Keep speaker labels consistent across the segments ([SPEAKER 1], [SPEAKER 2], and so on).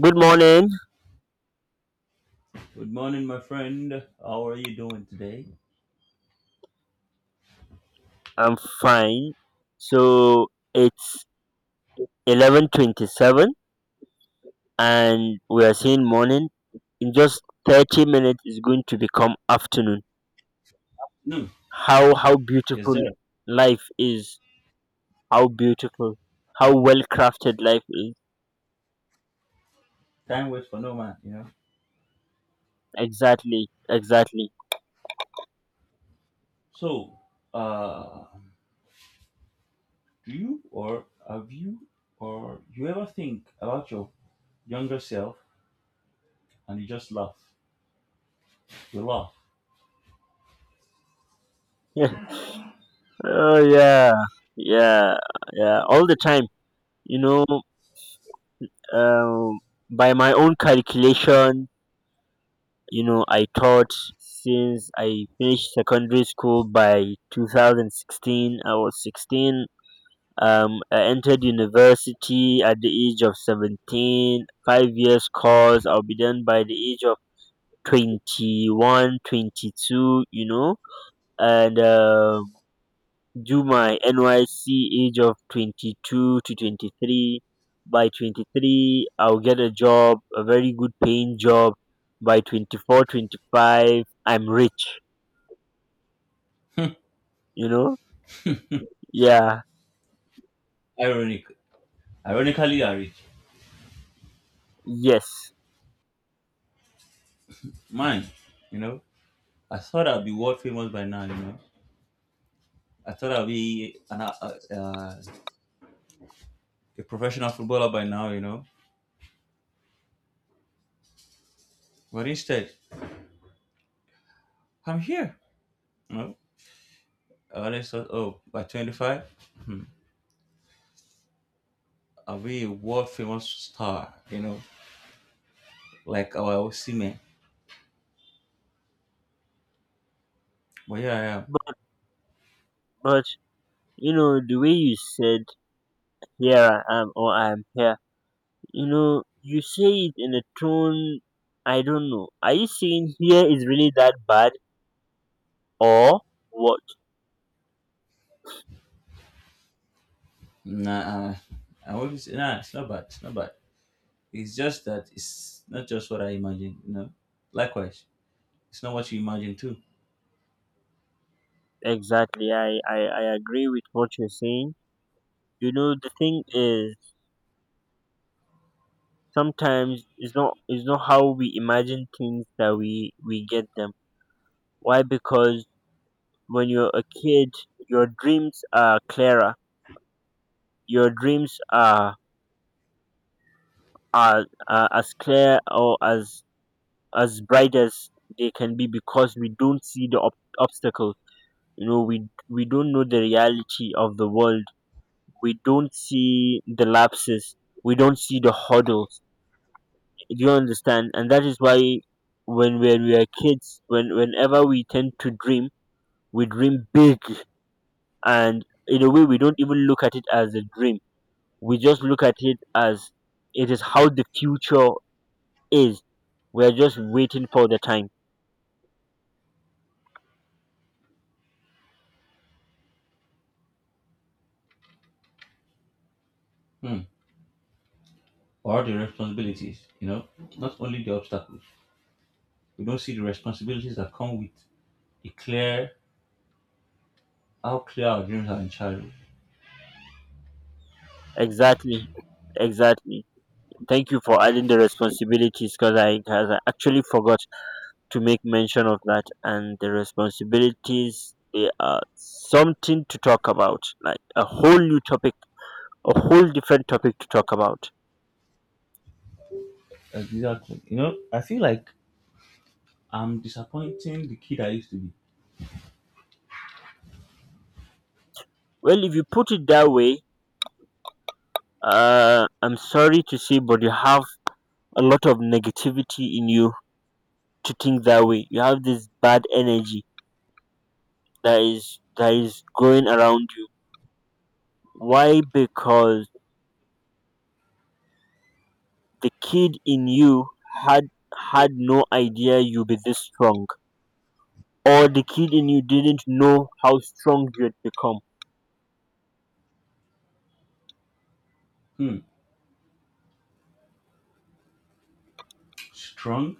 [SPEAKER 1] Good morning.
[SPEAKER 2] Good morning, my friend. How are you doing today?
[SPEAKER 1] I'm fine. So it's 11:27, and we are seeing morning. In just 30 minutes, it's going to become afternoon.
[SPEAKER 2] No,
[SPEAKER 1] How
[SPEAKER 2] yes,
[SPEAKER 1] beautiful
[SPEAKER 2] sir.
[SPEAKER 1] life is. How beautiful. How well crafted life is.
[SPEAKER 2] Time waits for no man, you know.
[SPEAKER 1] Exactly. Exactly.
[SPEAKER 2] So, uh, do you or have you or you ever think about your younger self and you just laugh? You laugh.
[SPEAKER 1] Oh yeah. Yeah. Yeah. All the time. You know. Um, by my own calculation, I taught since I finished secondary school. By 2016 I was 16. I entered university at the age of 17, 5 years course. I'll be done by the age of 21, 22. And do my NYC, age of 22 to 23. By 23, I'll get a job, a very good paying job. By 20 I'm rich, you know? Yeah,
[SPEAKER 2] Ironic. Ironically, I reach
[SPEAKER 1] yes.
[SPEAKER 2] mine. You know, I thought I'd be world famous by now. You know, I thought I'd be a professional footballer by now. You know, but instead, I'm here. You know, I always thought, oh, by 25. Away world famous star, you know, like our Osimhen. But here I am.
[SPEAKER 1] But, but the way you said, here I am or I am here, you say it in a tone. I don't know. Are you saying here is really that bad or what?
[SPEAKER 2] Nah, uh, I always nah, it's not bad. It's not bad. It's just that it's not just what I imagine, you know. Likewise, it's not what you imagine too.
[SPEAKER 1] Exactly. I agree with what you're saying. You know, the thing is, sometimes it's not how we imagine things that we get them. Why? Because when you're a kid, your dreams are clearer. Your dreams are as clear or as bright as they can be, because we don't see the obstacles. We don't know the reality of the world. We don't see the lapses. We don't see the hurdles. Do you understand? And that is why when we are kids, whenever we tend to dream, we dream big. And in a way, we don't even look at it as a dream. We just look at it as it is how the future is. We are just waiting for the time.
[SPEAKER 2] Hmm. Or the responsibilities, you know, not only the obstacles. We don't see the responsibilities that come with the clear, how clear our dreams are in childhood.
[SPEAKER 1] Exactly. Exactly. Thank you for adding the responsibilities, because I 'cause I actually forgot to make mention of that. And the responsibilities, they are something to talk about, like a whole new topic, a whole different topic to talk about.
[SPEAKER 2] Exactly. You know, I feel like I'm disappointing the kid I used to be.
[SPEAKER 1] Well, if you put it that way, I'm sorry to say, but you have a lot of negativity in you to think that way. You have this bad energy that is going around you. Why? Because the kid in you had had no idea you'd be this strong, or the kid in you didn't know how strong you'd become.
[SPEAKER 2] Hmm. Strong,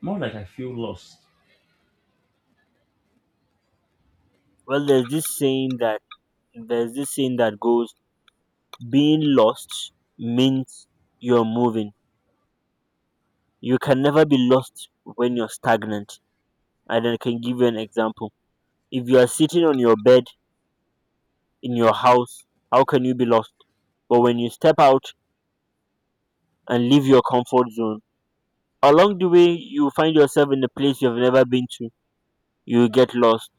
[SPEAKER 2] more like I feel lost.
[SPEAKER 1] Well, there's this saying that goes, being lost means you're moving. You can never be lost when you're stagnant. And I can give you an example. If you are sitting on your bed in your house, how can you be lost? But when you step out and leave your comfort zone, along the way, you find yourself in a place you've never been to. You get lost.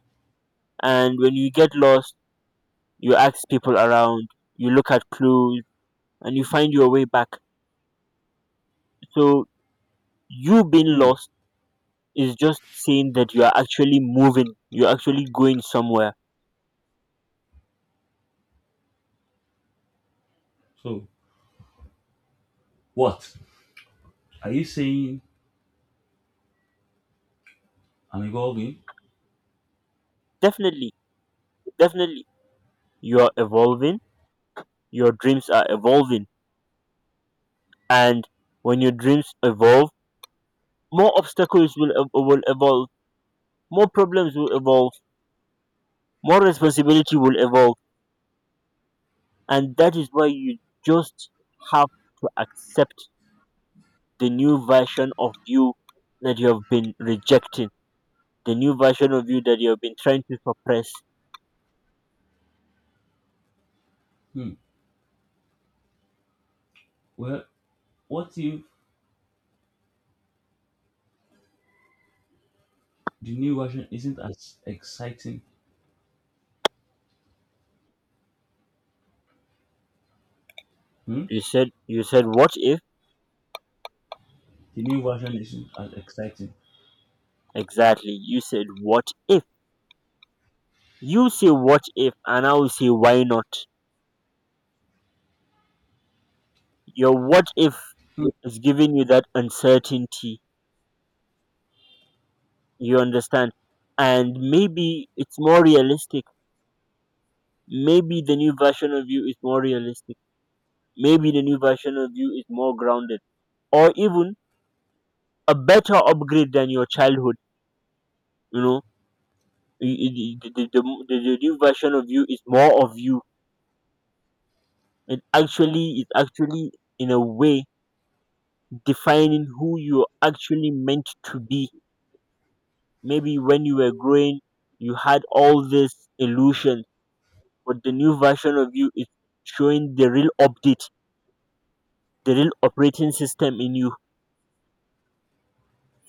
[SPEAKER 1] And when you get lost, you ask people around, you look at clues, and you find your way back. So, you being
[SPEAKER 2] Hmm.
[SPEAKER 1] lost is just saying that you are actually moving, you're actually going somewhere.
[SPEAKER 2] So what are you saying? I'm evolving.
[SPEAKER 1] Definitely, definitely, you're evolving, your dreams are evolving, and when your dreams evolve, more obstacles will evolve, more problems will evolve, more responsibility will evolve, and that is why you just have to accept the new version of you that you have been rejecting, the new version of you that you have been trying to suppress.
[SPEAKER 2] Hmm. Well, what if the new version isn't as exciting? Hmm.
[SPEAKER 1] What if?
[SPEAKER 2] The new version isn't as exciting.
[SPEAKER 1] Exactly. You said what if. You say what if, and I will say why not. Your what if
[SPEAKER 2] Hmm.
[SPEAKER 1] is giving you that uncertainty. You understand? And maybe it's more realistic. Maybe the new version of you is more realistic. Maybe the new version of you is more grounded. Or even a better upgrade than your childhood. You know, Y- y- the, the, the, the new version of you is more of you. It actually, in a way, defining who you're actually meant to be. Maybe when you were growing, you had all these illusions, but the new version of you is showing the real update, the real operating system in you.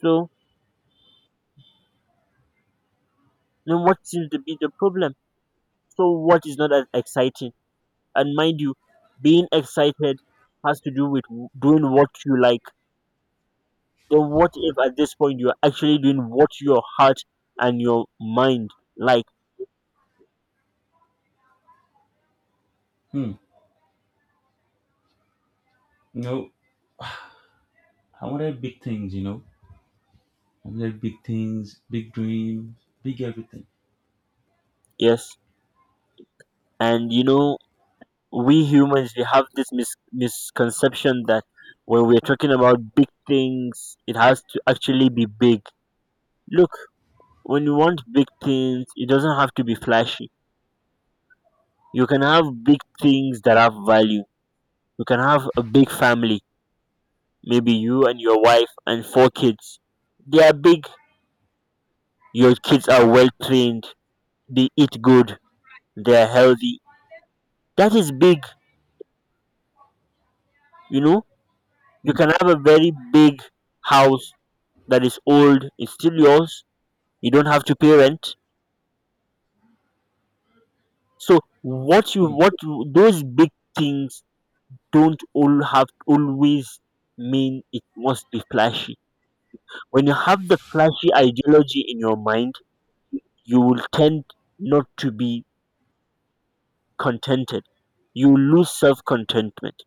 [SPEAKER 1] So, then what seems to be the problem? So, what is not as exciting? And mind you, being excited has to do with doing what you like. Then, what if at this point you're actually doing what your heart and your mind like?
[SPEAKER 2] hmm. No, I wanted big things. You know, I wanted big things, big dreams, big everything.
[SPEAKER 1] Yes. And you know, we humans we have this misconception that when we're talking about big things, it has to actually be big. Look, when you want big things, it doesn't have to be flashy. You can have big things that have value. You can have a big family. Maybe you and your wife and four kids, they are big. Your kids are well trained, they eat good, they are healthy. That is big. you know you
[SPEAKER 2] Hmm.
[SPEAKER 1] can have a very big house that is old. It's still yours. You don't have to pay rent. So
[SPEAKER 2] Hmm.
[SPEAKER 1] those big things don't all have always mean it must be flashy. When you have the flashy ideology in your mind, you will tend not to be contented. You lose self-contentment.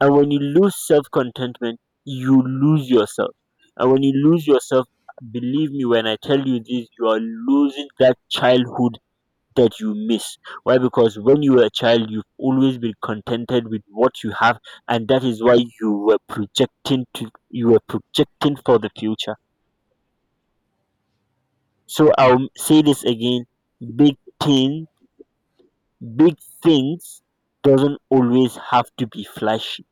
[SPEAKER 1] And when you lose self-contentment, you lose yourself. And when you lose yourself, believe me when I tell you this, you are losing that childhood that you miss. Why? Because when you were a child, you've always been contented with what you have, and that is why you were projecting for the future. So
[SPEAKER 2] Hmm.
[SPEAKER 1] I'll say this again: big thing, big things doesn't always have to be flashy.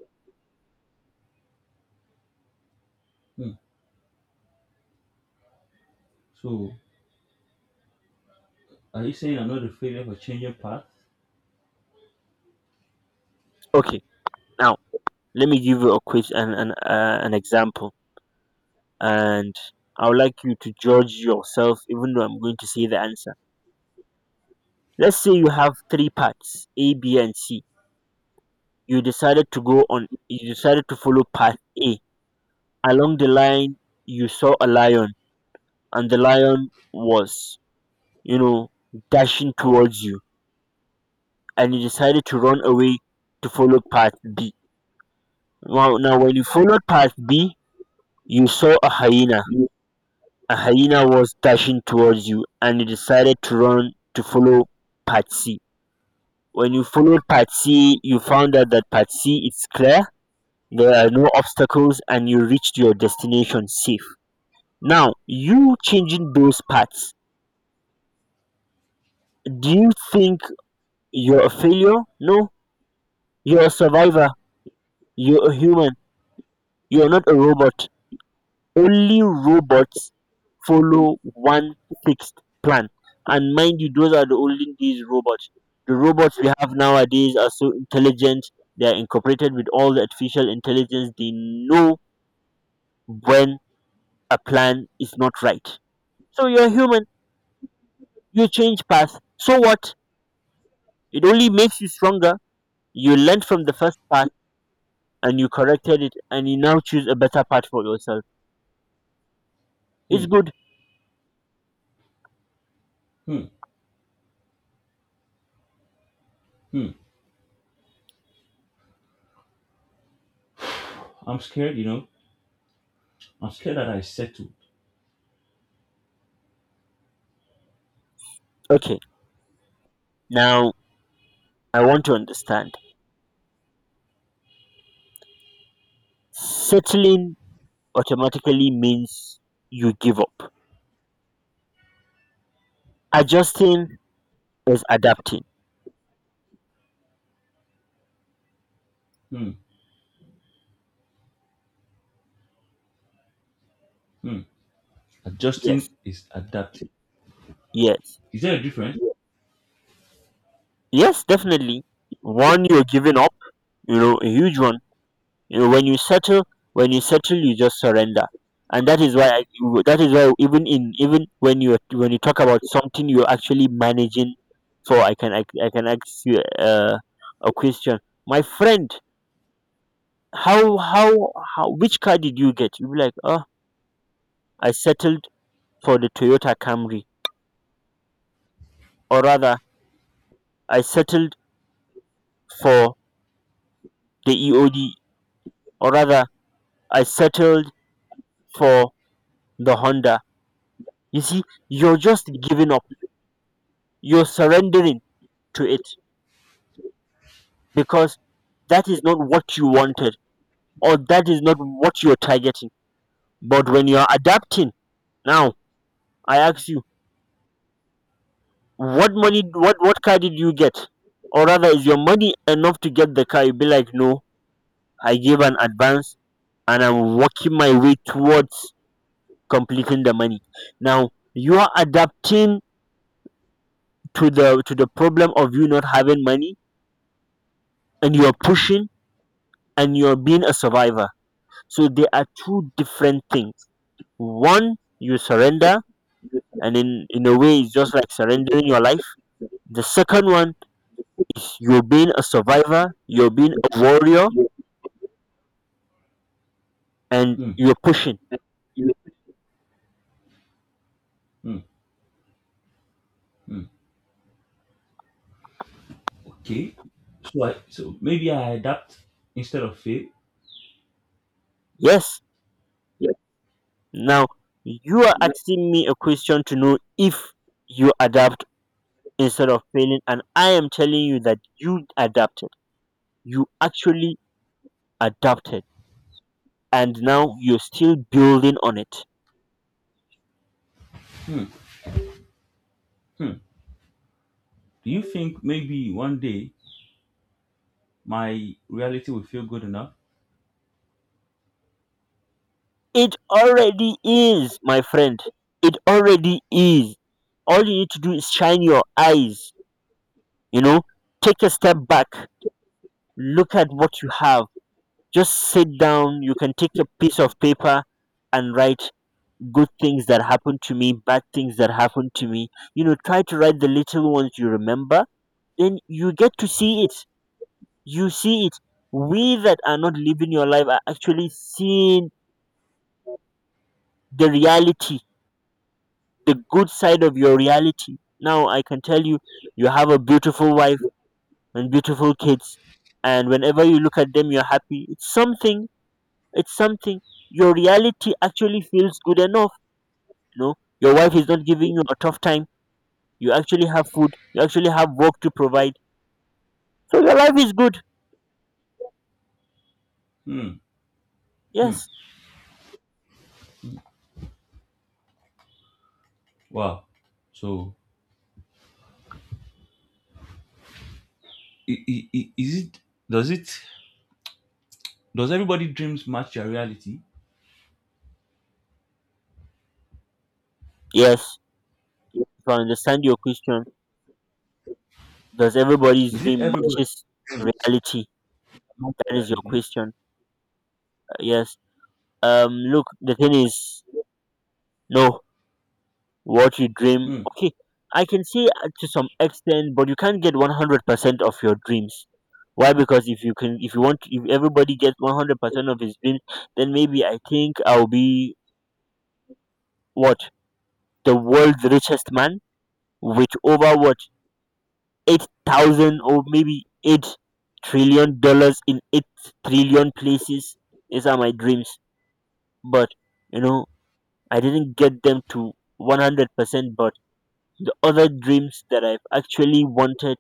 [SPEAKER 2] Hmm. So are you saying I'm not a failure for changing path?
[SPEAKER 1] Okay, now let me give you a quiz and an example, and I would like you to judge yourself, even though I'm going to say the answer. Let's say you have three parts A, B, and C. You decided to follow path A. Along the line, you saw a lion, and the lion was, you know, dashing towards you, and you decided to run away to follow path B. Now when you followed path B, you saw a hyena.
[SPEAKER 2] Hmm.
[SPEAKER 1] A hyena was dashing towards you and you decided to run to follow path C. When you followed path C, you found out that path C is clear, there are no obstacles, and you reached your destination safe. Now, you changing those parts, do you think you're a failure? No, you're a survivor. You're a human. You're not a robot. Only robots follow one fixed plan. And mind you, those are the olden days robots. The robots we have nowadays are so intelligent. They are incorporated with all the artificial intelligence. They know when a plan is not right. So you're a human. You change path. So what? It only makes you stronger. You learned from the first part, and you corrected it, and you now choose a better path for yourself.
[SPEAKER 2] Hmm.
[SPEAKER 1] It's good.
[SPEAKER 2] Hmm. Hmm. I'm scared. You know, I'm scared that I settle.
[SPEAKER 1] Okay. Now I want to understand. Settling automatically means you give up. Adjusting is adapting.
[SPEAKER 2] Hmm. Hmm. Adjusting
[SPEAKER 1] Yes.
[SPEAKER 2] is adapting.
[SPEAKER 1] Yes.
[SPEAKER 2] Is there a difference?
[SPEAKER 1] Yes, definitely. One, you're giving up, a huge one. You know, when you settle, when you settle, you just surrender, and that is why even when you talk about something you're actually managing for. I can ask you a question, my friend. How how how Which car did you get? You be like, oh, I settled for the Toyota Camry, or rather, I settled for the EOD, or rather, I settled for the Honda. You see, you're just giving up. You're surrendering to it because that is not what you wanted or that is not what you're targeting. But when you're adapting, now I ask you, what money, what car did you get? Or rather, is your money enough to get the car? You'll be like, no, I gave an advance and I'm working my way towards completing the money. Now you are adapting to the problem of you not having money, and you're pushing, and you're being a survivor. So they are two different things. One, you surrender, and in a way, it's just like surrendering your life. The second one is you're being a survivor, you're being a warrior, and
[SPEAKER 2] Hmm.
[SPEAKER 1] you're pushing.
[SPEAKER 2] Hmm. Hmm. Okay. So maybe I adapt instead of fail.
[SPEAKER 1] Yes. Now, you are asking me a question to know if you adapt instead of failing, and I am telling you that you adapted. You actually adapted, and now you're still building on it.
[SPEAKER 2] Hmm. Hmm. Do you think maybe one day my reality will feel good enough?
[SPEAKER 1] It already is, my friend. It already is. All you need to do is shine your eyes, you know, take a step back, look at what you have. Just sit down. You can take a piece of paper and write good things that happened to me, bad things that happened to me. Try to write the little ones you remember, then you get to see it. You see it. We that are not living your life are actually seeing the reality, the good side of your reality. Now I can tell you, you have a beautiful wife and beautiful kids, and whenever you look at them, you're happy. It's something. It's something. Your reality actually feels good enough. You know, your wife is not giving you a tough time. You actually have food. You actually have work to provide. So your life is good.
[SPEAKER 2] Hmm. Hmm.
[SPEAKER 1] Yes.
[SPEAKER 2] Wow. So is it does everybody dreams match their reality?
[SPEAKER 1] Yes. If I understand your question, does everybody's
[SPEAKER 2] Is it
[SPEAKER 1] dream
[SPEAKER 2] everybody
[SPEAKER 1] matches reality?
[SPEAKER 2] match
[SPEAKER 1] That
[SPEAKER 2] their
[SPEAKER 1] is your
[SPEAKER 2] reality?
[SPEAKER 1] question. Yes. Look, the thing is, no, what you dream,
[SPEAKER 2] Hmm.
[SPEAKER 1] okay, I can say, to some extent, but you can't get 100% of your dreams. Why? Because if you can, if you want, if everybody gets 100% of his dreams, then maybe I think I'll be what, the world's richest man with over what, 8,000, or maybe $8 trillion in 8 trillion places. These are my dreams. But you know I didn't get them to 100%. But the other dreams that I've actually wanted,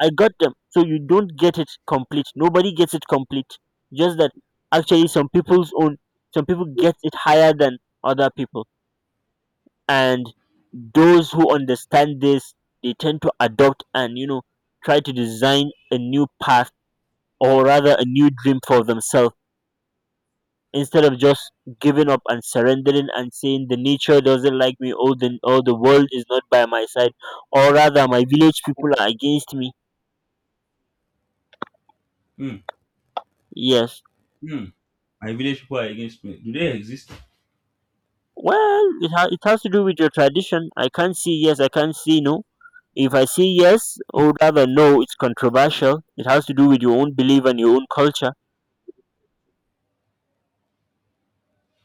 [SPEAKER 1] I got them. So you don't get it complete. Nobody gets it complete. Just that actually some people's own, some people get it higher than other people. And those who understand this, they tend to adopt, and try to design a new path, or rather a new dream for themselves, instead of just giving up and surrendering and saying the nature doesn't like me, or the world is not by my side, or rather my village people are against me.
[SPEAKER 2] Hmm.
[SPEAKER 1] Yes.
[SPEAKER 2] Hmm. My village people are against me. Do they exist?
[SPEAKER 1] Well, it has to do with your tradition. I can't see yes, I can't see no. If I say yes, or rather no, it's controversial. It has to do with your own belief and your own culture.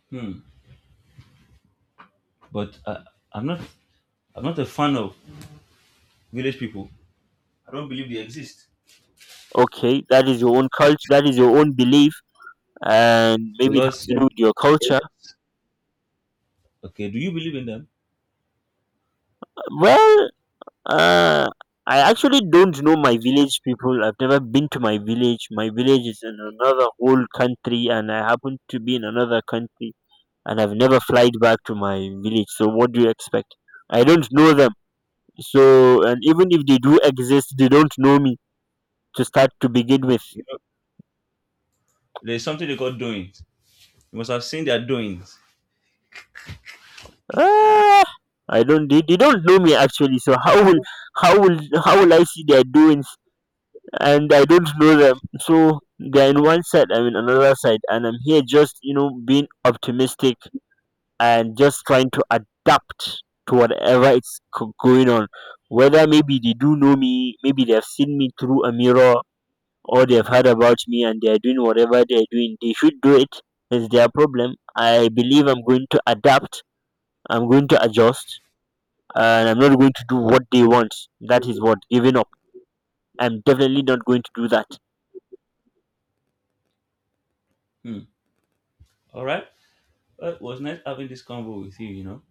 [SPEAKER 2] Hmm. But I'm not I'm not a fan of village people. I don't believe they exist
[SPEAKER 1] Okay, that is your own culture, that is your own belief, and maybe it has
[SPEAKER 2] because
[SPEAKER 1] to do with your culture.
[SPEAKER 2] okay. Do you believe in them?
[SPEAKER 1] Well, uh, I actually don't know my village people. I've never been to my village. My village is in another whole country, and I happen to be in another country, and I've never flied back to my village. So what do you expect? I don't know them. So and even if they do exist, they don't know me to start, to begin with.
[SPEAKER 2] You know, there's something they call doings. You must have seen their doings.
[SPEAKER 1] Ah, I don't. They don't know me actually. So how will how will I see their doings? And I don't know them. So they're in one side. I'm in another side, and I'm here just being optimistic and just trying to adapt to whatever is going on. Whether maybe they do know me, maybe they have seen me through a mirror, or they've heard about me and they are doing whatever they are doing. They should do it. It's their problem. I believe I'm going to adapt. I'm going to adjust, and I'm not going to do what they want. That is what giving up. I'm definitely not going to do that.
[SPEAKER 2] Hmm. All right. Well, it was nice having this convo with you. You know,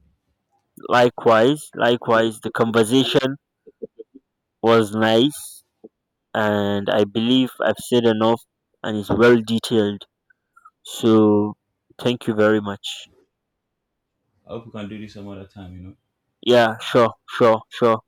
[SPEAKER 1] Likewise, likewise, the conversation was nice, and I believe I've said enough, and it's well detailed. So thank you very much.
[SPEAKER 2] I hope we can do this some other time. You know.
[SPEAKER 1] Yeah, sure, sure, sure.